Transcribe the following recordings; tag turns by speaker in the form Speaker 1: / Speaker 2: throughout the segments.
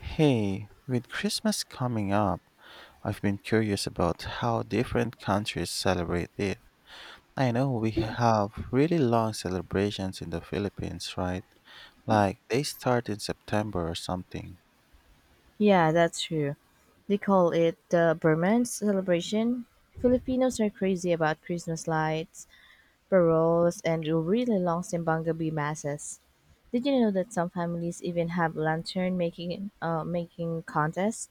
Speaker 1: Hey, with Christmas coming up, I've been curious about how different countries celebrate it. I know we have really long celebrations in the Philippines, right? Like they start in September or something.
Speaker 2: Yeah, that's true. They call it the Burman celebration. Filipinos are crazy about Christmas lights, paroles, and really long simbang gabi masses. Did you know that some families even have lantern making contests?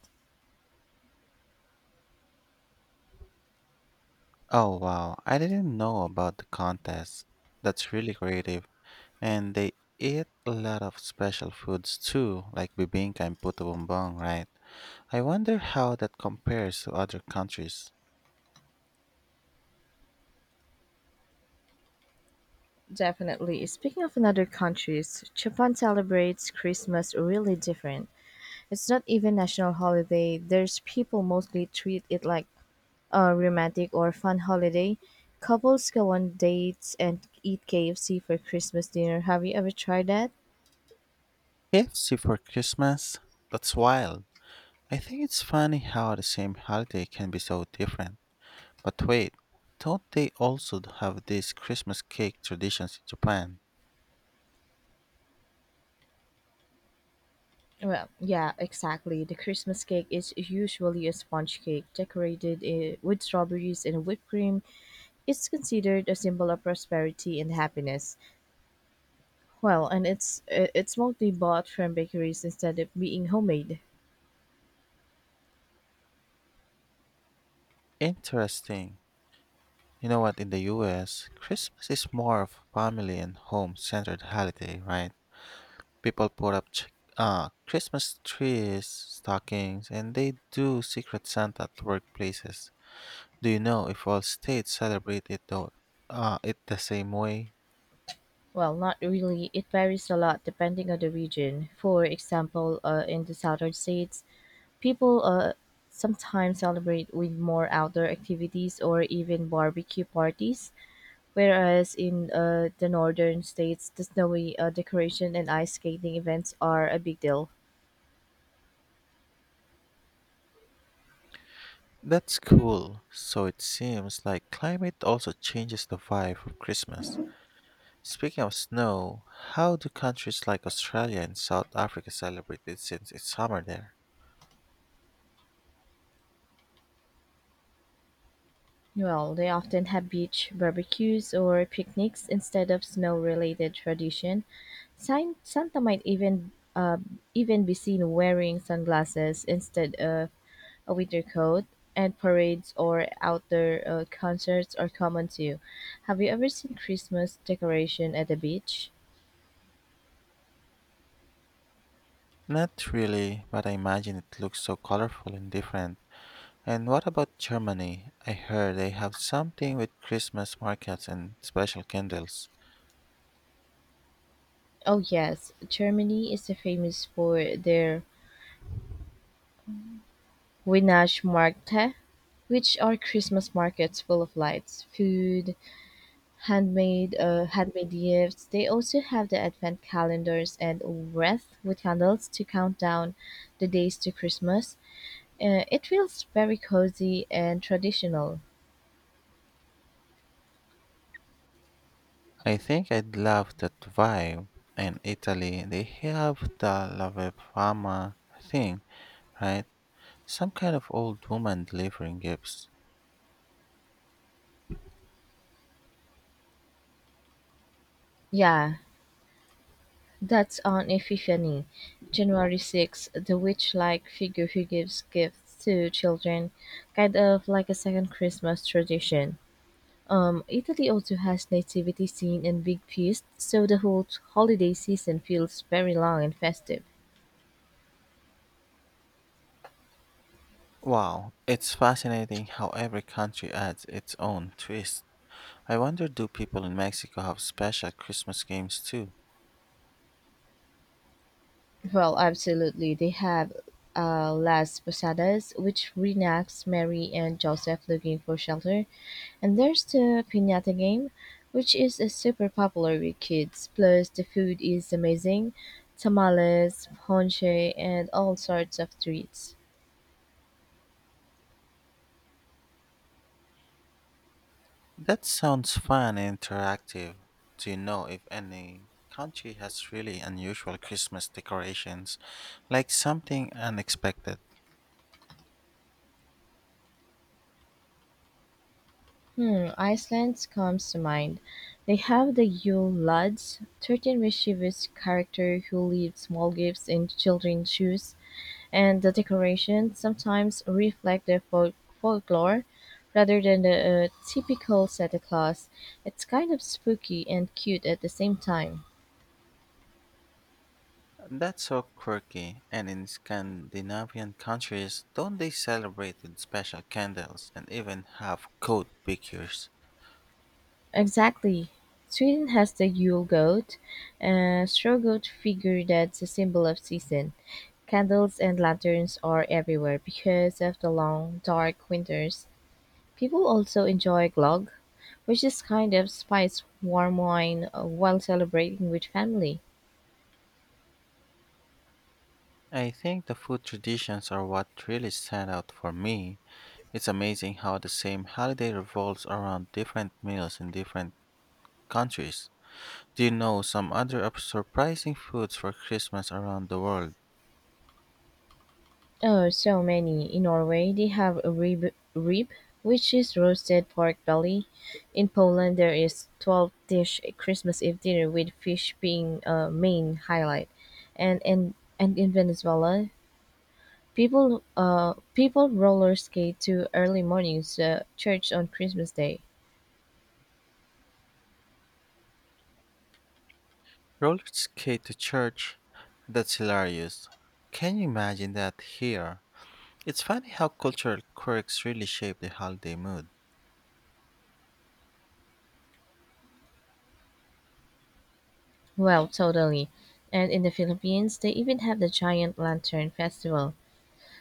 Speaker 1: Oh wow, I didn't know about the contest. That's really creative. And they eat a lot of special foods too, like bibingka and puto bumbong, right? I wonder how that compares to other countries.
Speaker 2: Definitely. Speaking of another countries, Japan celebrates Christmas really different. It's not even national holiday. There's people mostly treat it like a romantic or fun holiday. Couples go on dates and eat KFC for Christmas dinner. Have you ever tried that?
Speaker 1: KFC for Christmas? That's wild. I think it's funny how the same holiday can be so different. But wait, don't they also have these Christmas cake traditions in Japan?
Speaker 2: Well, yeah, exactly. The Christmas cake is usually a sponge cake decorated with strawberries and whipped cream. It's considered a symbol of prosperity and happiness. Well, and it's mostly bought from bakeries instead of being homemade.
Speaker 1: Interesting. You know what, in the US, Christmas is more of a family and home centered holiday, right? People put up Christmas trees, stockings, and they do Secret Santa at workplaces. Do you know if all states celebrate it though, it the same way?
Speaker 2: Well, not really. It varies a lot depending on the region. For example, in the southern states, people sometimes celebrate with more outdoor activities or even barbecue parties, whereas in the northern states, the snowy decoration and ice skating events are a big deal.
Speaker 1: That's cool. So it seems like climate also changes the vibe of Christmas. Speaking of snow, how do countries like Australia and South Africa celebrate it since it's summer there?
Speaker 2: Well, they often have beach barbecues or picnics instead of snow-related tradition. Santa might even be seen wearing sunglasses instead of a winter coat, and parades or outdoor concerts are common too. Have you ever seen Christmas decoration at the beach?
Speaker 1: Not really, but I imagine it looks so colorful and different. And what about Germany? I heard they have something with Christmas markets and special candles.
Speaker 2: Oh yes, Germany is famous for their Weihnachtsmärkte, which are Christmas markets full of lights, food, handmade gifts. They also have the advent calendars and wreath with candles to count down the days to Christmas. It feels very cozy and traditional.
Speaker 1: I think I'd love that vibe. And Italy, they have the La Fama thing, right? Some kind of old woman delivering gifts.
Speaker 2: Yeah, that's on Epiphany, January 6th, the witch-like figure who gives gifts to children, kind of like a second Christmas tradition. Italy also has nativity scene and big feasts, so the whole holiday season feels very long and festive.
Speaker 1: Wow, it's fascinating how every country adds its own twist. I wonder, do people in Mexico have special Christmas games too?
Speaker 2: Well, absolutely. They have Las Posadas, which reenacts Mary and Joseph looking for shelter. And there's the Pinata game, which is a super popular with kids. Plus, the food is amazing tamales, ponche, and all sorts of treats.
Speaker 1: That sounds fun and interactive. Do you know if any country has really unusual Christmas decorations, like something unexpected?
Speaker 2: Hmm, Iceland comes to mind. They have the Yule Lads, 13 mischievous character who leave small gifts in children's shoes. And the decorations sometimes reflect the folklore rather than the typical Santa Claus. It's kind of spooky and cute at the same time.
Speaker 1: That's so quirky. And in Scandinavian countries, don't they celebrate with special candles and even have coat pictures?
Speaker 2: Exactly. Sweden has the Yule goat, a straw goat figure that's a symbol of season. Candles and lanterns are everywhere because of the long, dark winters. People also enjoy glögg, which is kind of spiced warm wine while celebrating with family.
Speaker 1: I think the food traditions are what really stand out for me. It's amazing how the same holiday revolves around different meals in different countries. Do you know some other surprising foods for Christmas around the world?
Speaker 2: Oh, so many. In Norway, they have a rib, which is roasted pork belly. In Poland, there is 12 dish Christmas Eve dinner with fish being a main highlight. And and and in Venezuela, people roller skate to early mornings church on Christmas Day.
Speaker 1: Roller skate to church? That's hilarious. Can you imagine that here? It's funny how cultural quirks really shape the holiday mood.
Speaker 2: Well, totally. And in the Philippines, they even have the giant lantern festival.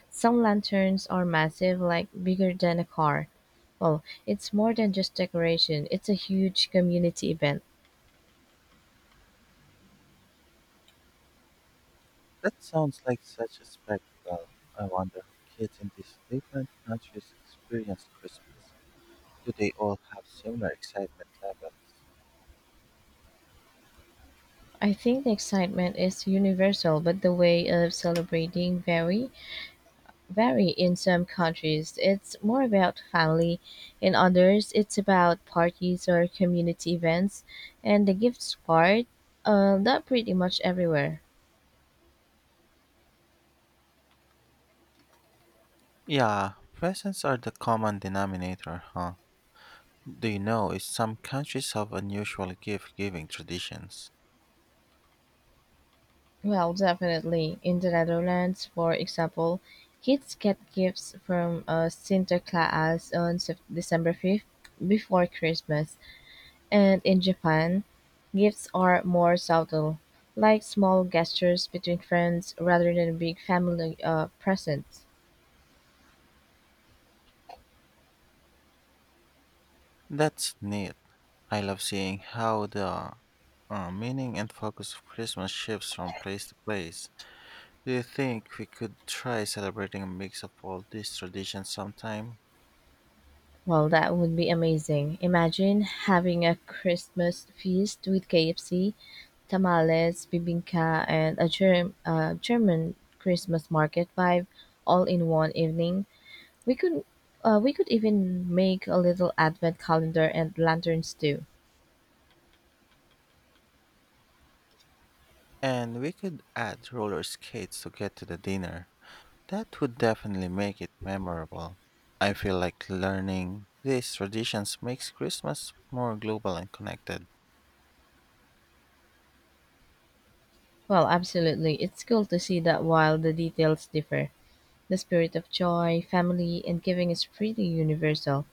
Speaker 2: Some lanterns are massive, like bigger than a car. Well, it's more than just decoration, it's a huge community event.
Speaker 1: That sounds like such a spectacle. I wonder how kids in these different countries experience Christmas. Do they all have similar excitement levels?
Speaker 2: I think the excitement is universal, but the way of celebrating vary in some countries. It's more about family. In others, it's about parties or community events. And the gifts part, that pretty much everywhere.
Speaker 1: Yeah, presents are the common denominator, huh? Do you know is some countries have unusual gift giving traditions?
Speaker 2: Well, definitely. In the Netherlands, for example, kids get gifts from Sinterklaas on December 5th before Christmas. And in Japan, gifts are more subtle, like small gestures between friends rather than big family presents.
Speaker 1: That's neat. I love seeing how the meaning and focus of Christmas shifts from place to place. Do you think we could try celebrating a mix of all these traditions sometime?
Speaker 2: Well, that would be amazing. Imagine having a Christmas feast with KFC, tamales, bibingka, and a German Christmas market vibe all in one evening. We could we could even make a little advent calendar and lanterns too.
Speaker 1: And we could add roller skates to get to the dinner. That would definitely make it memorable. I feel like learning these traditions makes Christmas more global and connected.
Speaker 2: Well, absolutely. It's cool to see that while the details differ, the spirit of joy, family, and giving is pretty universal.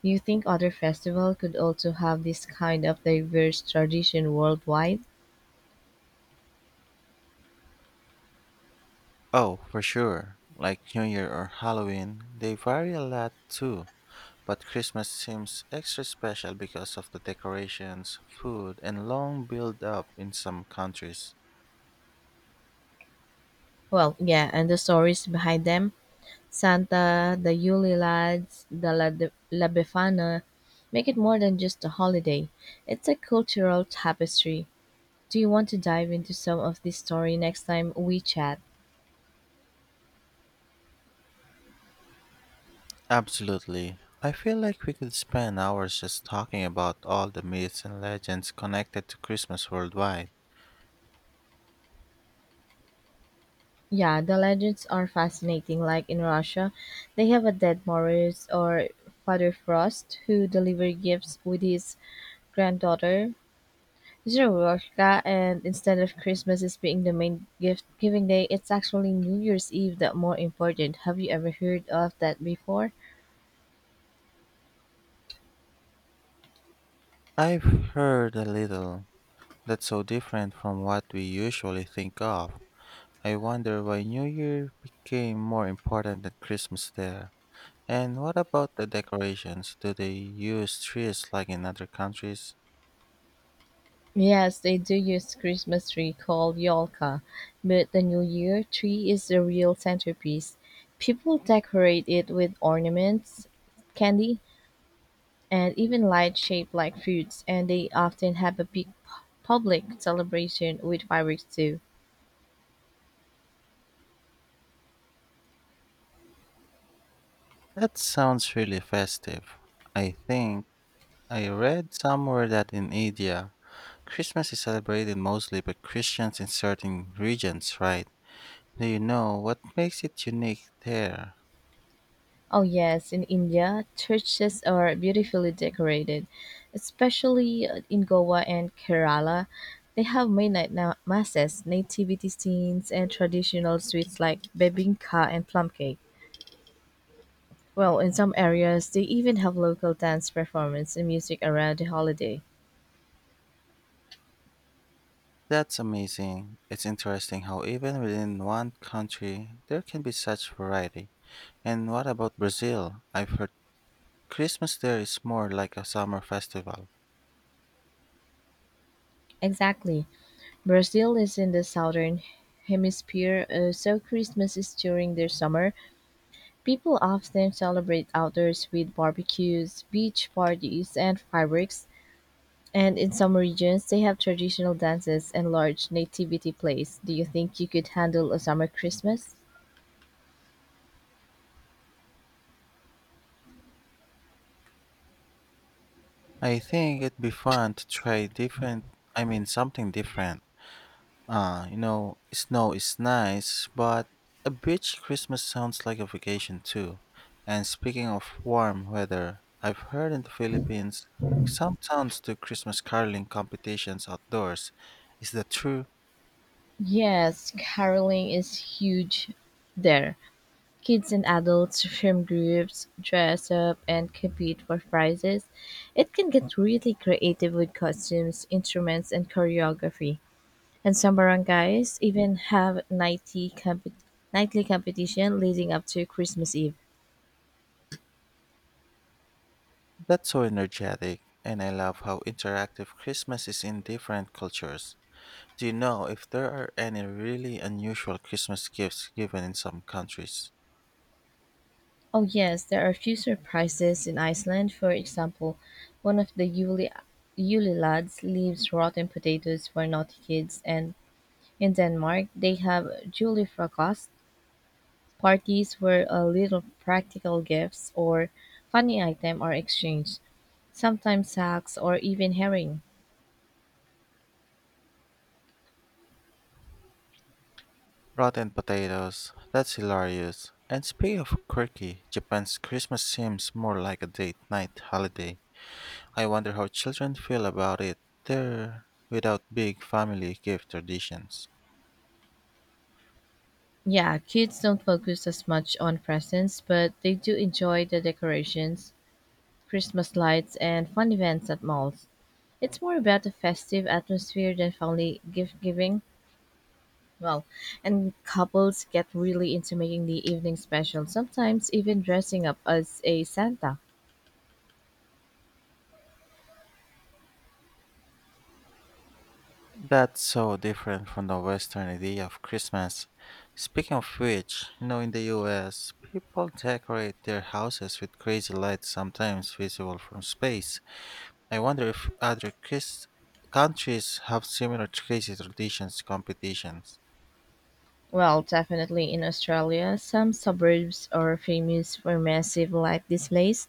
Speaker 2: Do you think other festivals could also have this kind of diverse tradition worldwide?
Speaker 1: Oh, for sure. Like New Year or Halloween, they vary a lot too. But Christmas seems extra special because of the decorations, food, and long build up in some countries.
Speaker 2: Well, yeah, and the stories behind them, Santa, the Yule Lads, La Befana, make it more than just a holiday. It's a cultural tapestry. Do you want to dive into some of this story next time we chat?
Speaker 1: Absolutely. I feel like we could spend hours just talking about all the myths and legends connected to Christmas worldwide.
Speaker 2: Yeah, the legends are fascinating. Like in Russia, they have a dead Morris or Father Frost who delivered gifts with his granddaughter Zoroastrian and instead of Christmas as being the main gift-giving day, it's actually New Year's Eve that more important. Have you ever heard of that before?
Speaker 1: I've heard a little. That's so different from what we usually think of. I wonder why New Year became more important than Christmas there. And what about the decorations? Do they use trees like in other countries?
Speaker 2: Yes, they do use Christmas tree called Yolka, but the New Year tree is the real centerpiece. People decorate it with ornaments, candy, and even lights shaped like fruits, and they often have a big public celebration with fireworks too.
Speaker 1: That sounds really festive. I think I read somewhere that in India, Christmas is celebrated mostly by Christians in certain regions, right? Do you know what makes it unique there?
Speaker 2: Oh, yes, in India, churches are beautifully decorated, especially in Goa and Kerala. They have midnight masses, nativity scenes, and traditional sweets like bebinka and plum cake. Well, in some areas, they even have local dance performance and music around the holiday.
Speaker 1: That's amazing. It's interesting how even within one country there can be such variety. And what about Brazil? I've heard Christmas there is more like a summer festival.
Speaker 2: Exactly. Brazil is in the southern hemisphere, so Christmas is during their summer. People often celebrate outdoors with barbecues, beach parties, and fireworks, and in some regions they have traditional dances and large nativity plays. Do you think you could handle a summer Christmas?
Speaker 1: I think it'd be fun to try different, I mean something different. Snow is nice, but a beach Christmas sounds like a vacation too. And speaking of warm weather, I've heard in the Philippines some towns do Christmas caroling competitions outdoors. Is that true?
Speaker 2: Yes, caroling is huge there. Kids and adults from groups dress up and compete for prizes. It can get really creative with costumes, instruments, and choreography. And some barangays even have nightly competition leading up to Christmas Eve.
Speaker 1: That's so energetic, and I love how interactive Christmas is in different cultures. Do you know if there are any really unusual Christmas gifts given in some countries?
Speaker 2: Oh, yes, there are a few surprises in Iceland. For example, one of the Yule lads leaves rotten potatoes for naughty kids, and in Denmark, they have julefrokost parties where a little practical gifts or funny item are exchanged, sometimes sacks or even herring.
Speaker 1: Rotten potatoes, that's hilarious. And speaking of quirky, Japan's Christmas seems more like a date night holiday. I wonder how children feel about it there without big family gift traditions.
Speaker 2: Yeah, kids don't focus as much on presents, but they do enjoy the decorations, Christmas lights, and fun events at malls. It's more about the festive atmosphere than family gift giving. Well, and couples get really into making the evening special, sometimes even dressing up as a Santa.
Speaker 1: That's so different from the Western idea of Christmas. Speaking of which, you know, in the US, people decorate their houses with crazy lights sometimes visible from space. I wonder if other countries have similar crazy traditions competitions.
Speaker 2: Well, definitely in Australia, some suburbs are famous for massive light displays.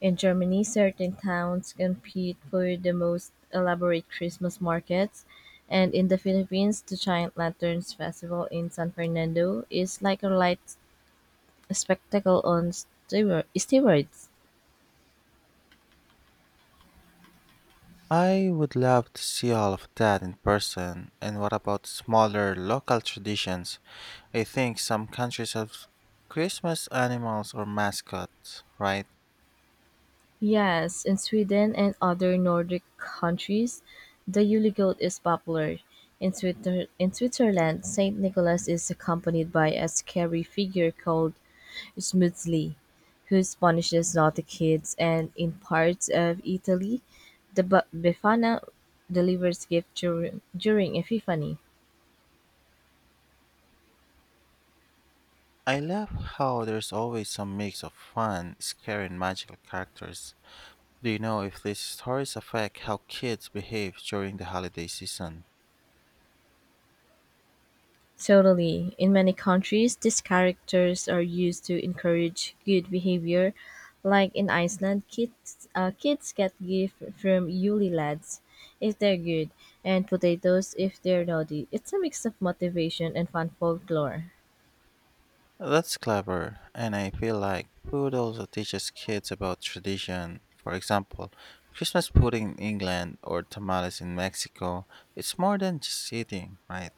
Speaker 2: In Germany, certain towns compete for the most elaborate Christmas markets, and in the Philippines, the Giant Lanterns Festival in San Fernando is like a light spectacle on steroids.
Speaker 1: I would love to see all of that in person. And what about smaller local traditions? I think some countries have Christmas animals or mascots, right?
Speaker 2: Yes, in Sweden and other Nordic countries, the Yule goat is popular. In, in Switzerland, St. Nicholas is accompanied by a scary figure called smoothly, who punishes naughty kids, and in parts of Italy, the Befana delivers gifts during Epiphany.
Speaker 1: I love how there's always some mix of fun, scary, and magical characters. Do you know if these stories affect how kids behave during the holiday season?
Speaker 2: Totally. In many countries, these characters are used to encourage good behavior. Like in Iceland, kids get gift from Yule lads if they're good, and potatoes if they're naughty. It's a mix of motivation and fun folklore.
Speaker 1: That's clever, and I feel like food also teaches kids about tradition. For example, Christmas pudding in England or tamales in Mexico. It's more than just eating, right?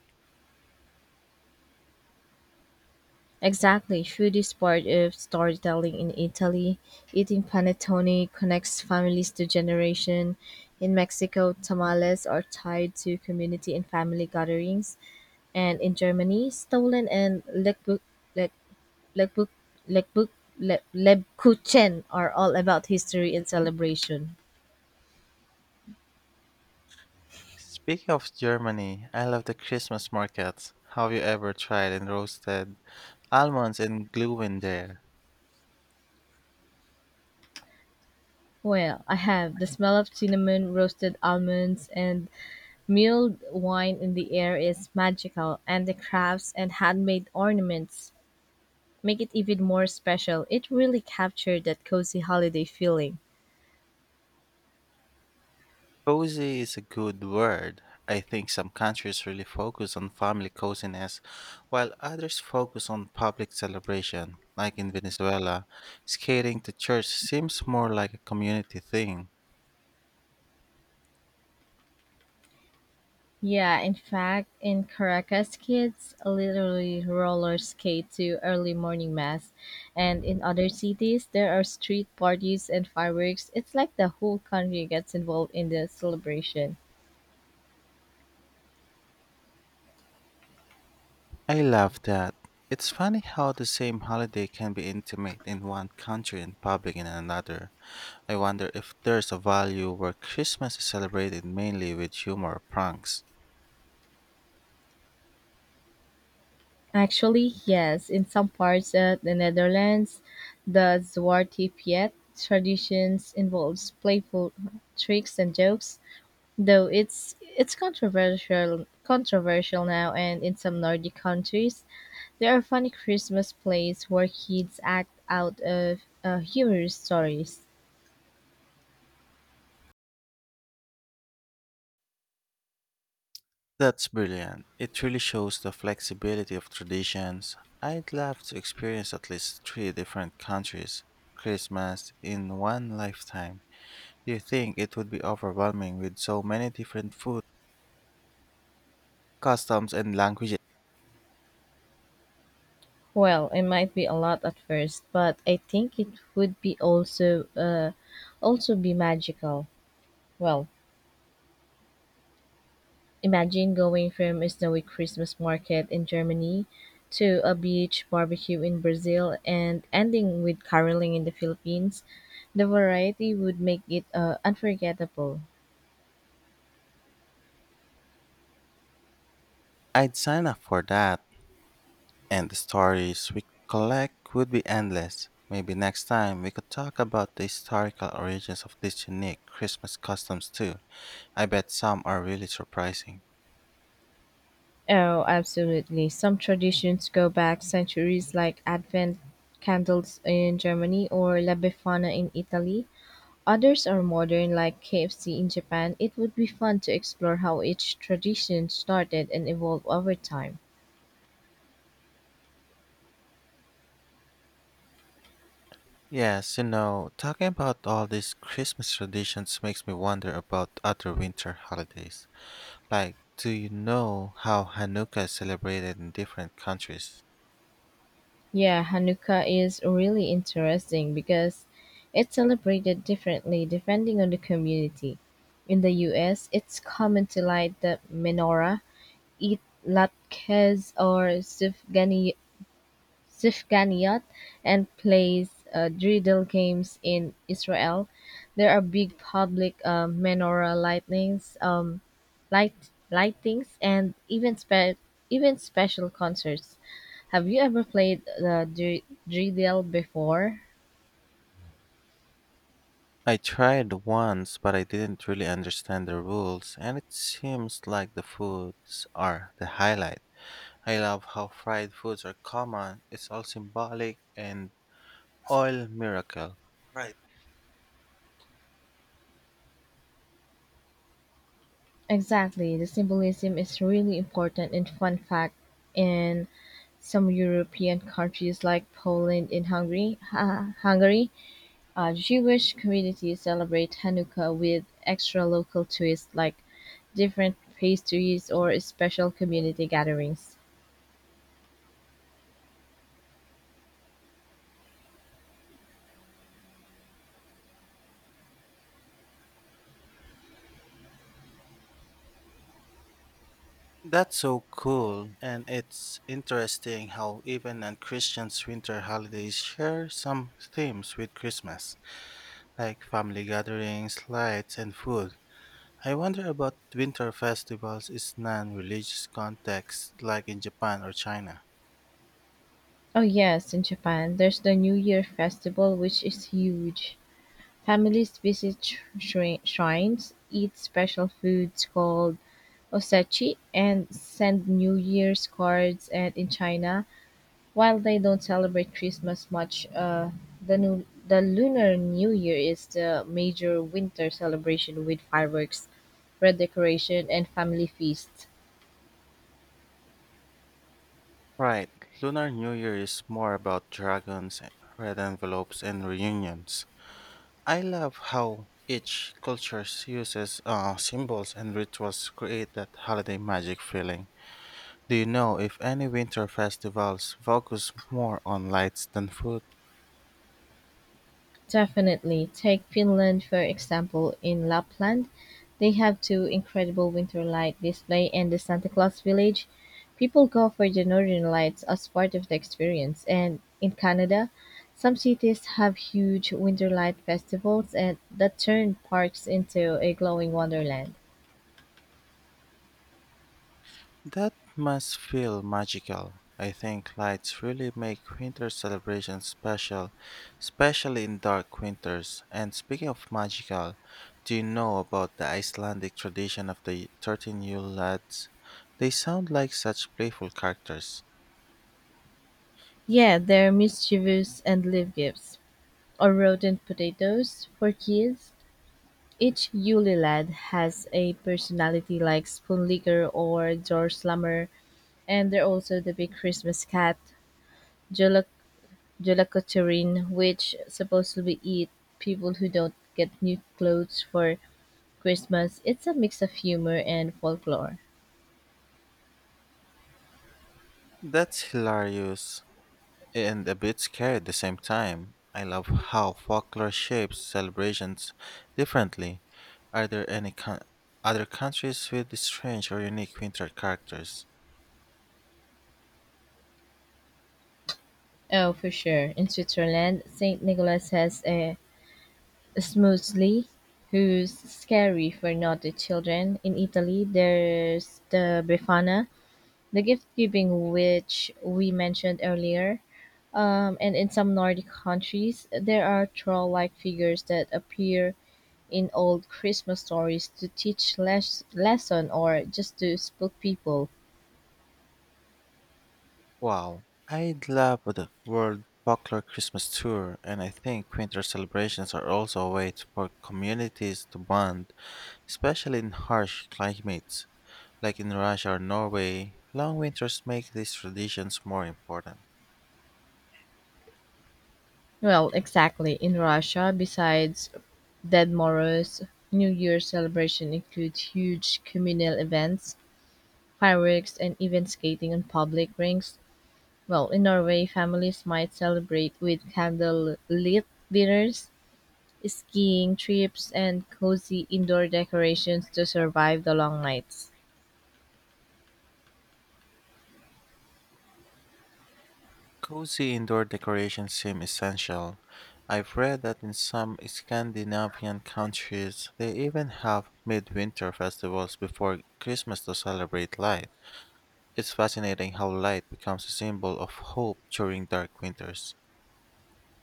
Speaker 2: Exactly, through this part of storytelling in Italy, eating panettone connects families to generation. In Mexico, tamales are tied to community and family gatherings, and in Germany, Stollen and Lebkuchen Le- Lebkuch- Lebkuch- Le- Lebkuchen are all about history and celebration.
Speaker 1: Speaking of Germany, I love the Christmas markets. Have you ever tried and roasted almonds and glue in there?
Speaker 2: Well, I have. The smell of cinnamon, roasted almonds, and milled wine in the air is magical, and the crafts and handmade ornaments make it even more special. It really captured that cozy holiday feeling.
Speaker 1: Cozy is a good word. I think some countries really focus on family coziness, while others focus on public celebration. Like in Venezuela, skating to church seems more like a community thing.
Speaker 2: Yeah, in fact, in Caracas, kids literally roller skate to early morning mass. And in other cities, there are street parties and fireworks. It's like the whole country gets involved in the celebration.
Speaker 1: I love that. It's funny how the same holiday can be intimate in one country and public in another. I wonder if there's a value where Christmas is celebrated mainly with humor or pranks.
Speaker 2: Actually, yes, in some parts of the Netherlands, the Zwarte Piet traditions involves playful tricks and jokes, though it's controversial now and in some Nordic countries, there are funny Christmas plays where kids act out of humorous stories.
Speaker 1: That's brilliant. It really shows the flexibility of traditions. I'd love to experience at least three different countries' Christmas in one lifetime. Do you think it would be overwhelming with so many different food, customs, and languages?
Speaker 2: Well, it might be a lot at first, but I think it would be also also be magical. Well, imagine going from a snowy Christmas market in Germany to a beach barbecue in Brazil and ending with caroling in the Philippines. The variety would make it unforgettable.
Speaker 1: I'd sign up for that, and the stories we collect would be endless. Maybe next time we could talk about the historical origins of these unique Christmas customs too. I bet some are really surprising.
Speaker 2: Oh, absolutely. Some traditions go back centuries, like Advent candles in Germany or La Befana in Italy. Others are modern, like KFC in Japan. It would be fun to explore how each tradition started and evolved over time.
Speaker 1: Yes, you know, talking about all these Christmas traditions makes me wonder about other winter holidays. Like, do you know how Hanukkah is celebrated in different countries?
Speaker 2: Yeah, Hanukkah is really interesting because it's celebrated differently depending on the community. In the US, it's common to light the menorah, eat latkes or sufganiyot Sifganiyot and plays dreidel games in Israel. There are big public menorah lightnings, light lightings, and even even special concerts. Have you ever played the dreidel before?
Speaker 1: I tried once, but I didn't really understand the rules, and it seems like the foods are the highlight. I love how fried foods are common, it's all symbolic and oil miracle. Right.
Speaker 2: Exactly. The symbolism is really important and fun fact in some European countries like Poland and Hungary, Jewish communities celebrate Hanukkah with extra local twists like different pastries or special community gatherings.
Speaker 1: That's so cool, and it's interesting how even non Christians' winter holidays share some themes with Christmas, like family gatherings, lights, and food. I wonder about winter festivals in non religious contexts like in Japan or China.
Speaker 2: Oh, yes, in Japan, there's the New Year festival, which is huge. Families visit shrines, eat special foods called osechi, and send New Year's cards. And in China, while they don't celebrate Christmas much, the Lunar New Year is the major winter celebration with fireworks, red decoration, and family feasts.
Speaker 1: Right, Lunar New Year is more about dragons, red envelopes, and reunions. I love how each culture uses symbols and rituals to create that holiday magic feeling. Do you know if any winter festivals focus more on lights than food?
Speaker 2: Definitely, take Finland for example, in Lapland they have two incredible winter light display and the Santa Claus Village. People go for the northern lights as part of the experience, and in Canada, some cities have huge winter light festivals and that turn parks into a glowing wonderland.
Speaker 1: That must feel magical. I think lights really make winter celebrations special, especially in dark winters. And speaking of magical, do you know about the Icelandic tradition of the 13 Yule lads? They sound like such playful characters.
Speaker 2: Yeah, there are mischievous and live gifts or rodent potatoes for kids. Each Yule lad has a personality like Spoonlicker or Dorslummer, and they're also the big Christmas cat, Jolakotrin, which supposedly eat people who don't get new clothes for Christmas. It's a mix of humor and folklore.
Speaker 1: That's hilarious, and a bit scary at the same time. I love how folklore shapes celebrations differently. Are there any other countries with strange or unique winter characters?
Speaker 2: Oh, for sure. In Switzerland, St. Nicholas has a Smoozli, who's scary for naughty children. In Italy, there's the Befana, the gift giving which we mentioned earlier and in some nordic countries there are troll-like figures that appear in old christmas stories to teach lesson or just to spook people.
Speaker 1: Wow, I'd love the World Folklore Christmas Tour, and I think winter celebrations are also a for communities to bond, especially in harsh climates. Like in Russia or Norway, long winters make these traditions more important.
Speaker 2: Well exactly in russia besides dead morose new year's celebration include huge communal events fireworks and even skating on public rinks. Well in norway families might celebrate with candlelit dinners, skiing trips, and cozy indoor decorations to survive the long nights.
Speaker 1: Cozy indoor decorations seem essential. I've read that in some Scandinavian countries, they even have midwinter festivals before Christmas to celebrate light. It's fascinating how light becomes a symbol of hope during dark winters.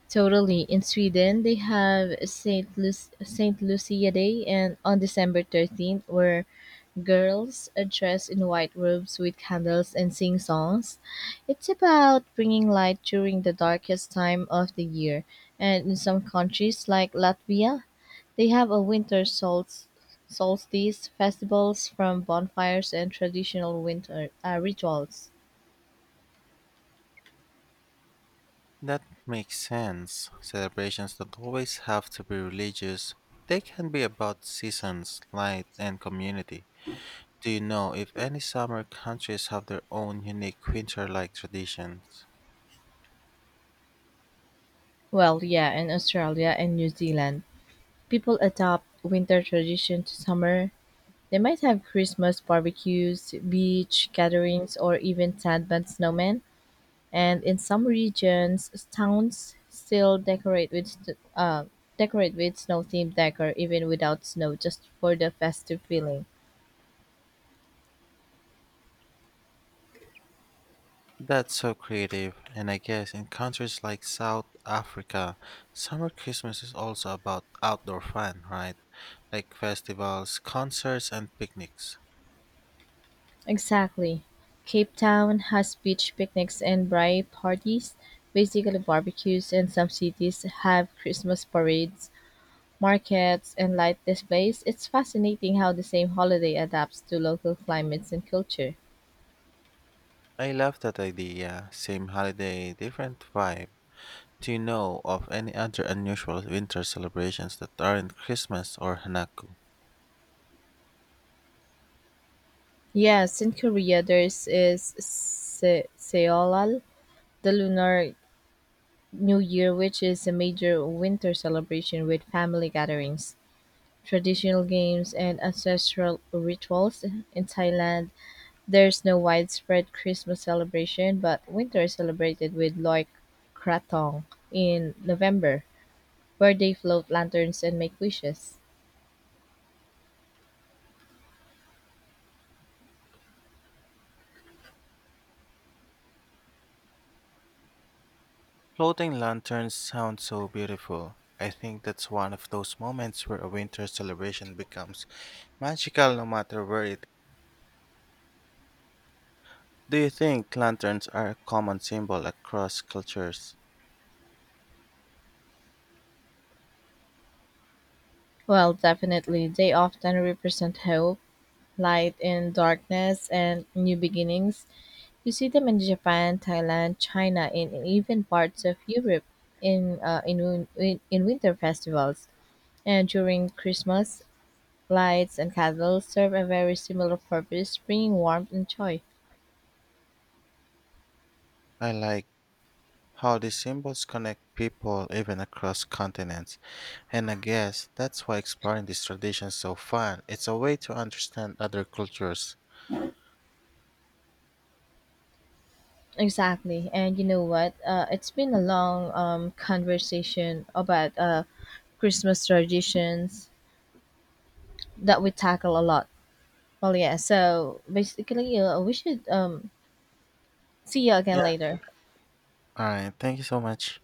Speaker 2: Totally. In Sweden, they have Saint Lucia Day, and on December 13th, where girls are dressed in white robes with candles and sing songs. It's about bringing light during the darkest time of the year. And in some countries, like Latvia, they have a winter solstice festivals from bonfires and traditional winter rituals.
Speaker 1: That makes sense. Celebrations don't always have to be religious, they can be about seasons, light, and community. Do you know if any summer countries have their own unique winter like traditions?
Speaker 2: Well, yeah, in Australia and New Zealand, people adopt winter tradition to summer. They might have Christmas barbecues, beach gatherings, or even sandman snowmen. And in some regions, towns still decorate with snow themed decor even without snow, just for the festive feeling.
Speaker 1: That's so creative, and I guess in countries like South Africa, summer Christmas is also about outdoor fun, right? Like festivals, concerts, and picnics.
Speaker 2: Exactly. Cape Town has beach picnics and braai parties, basically barbecues, and some cities have Christmas parades, markets, and light displays. It's fascinating how the same holiday adapts to local climates and culture.
Speaker 1: I love that idea. Same holiday, different vibe. Do you know of any other unusual winter celebrations that aren't Christmas or Hanaku?
Speaker 2: Yes, in Korea there's is Seolal, the Lunar New Year, which is a major winter celebration with family gatherings, traditional games, and ancestral rituals. In Thailand, there is no widespread Christmas celebration, but winter is celebrated with Loic Krathong in November, where they float lanterns and make wishes.
Speaker 1: Floating lanterns sound so beautiful. I think that's one of those moments where a winter celebration becomes magical no matter where it. Do you think lanterns are a common symbol across cultures?
Speaker 2: Well, definitely, they often represent hope, light in darkness, and new beginnings. You see them in Japan, Thailand, China, and even parts of Europe in winter festivals. And during Christmas, lights and candles serve a very similar purpose, bringing warmth and joy.
Speaker 1: I like how these symbols connect people even across continents. And I guess that's why exploring these traditions is so fun. It's a way to understand other cultures.
Speaker 2: Exactly. And you know what? It's been a long conversation about Christmas traditions that we tackle a lot. Well, yeah. So basically, we should see you again
Speaker 1: Yeah.
Speaker 2: later.
Speaker 1: All right. Thank you so much.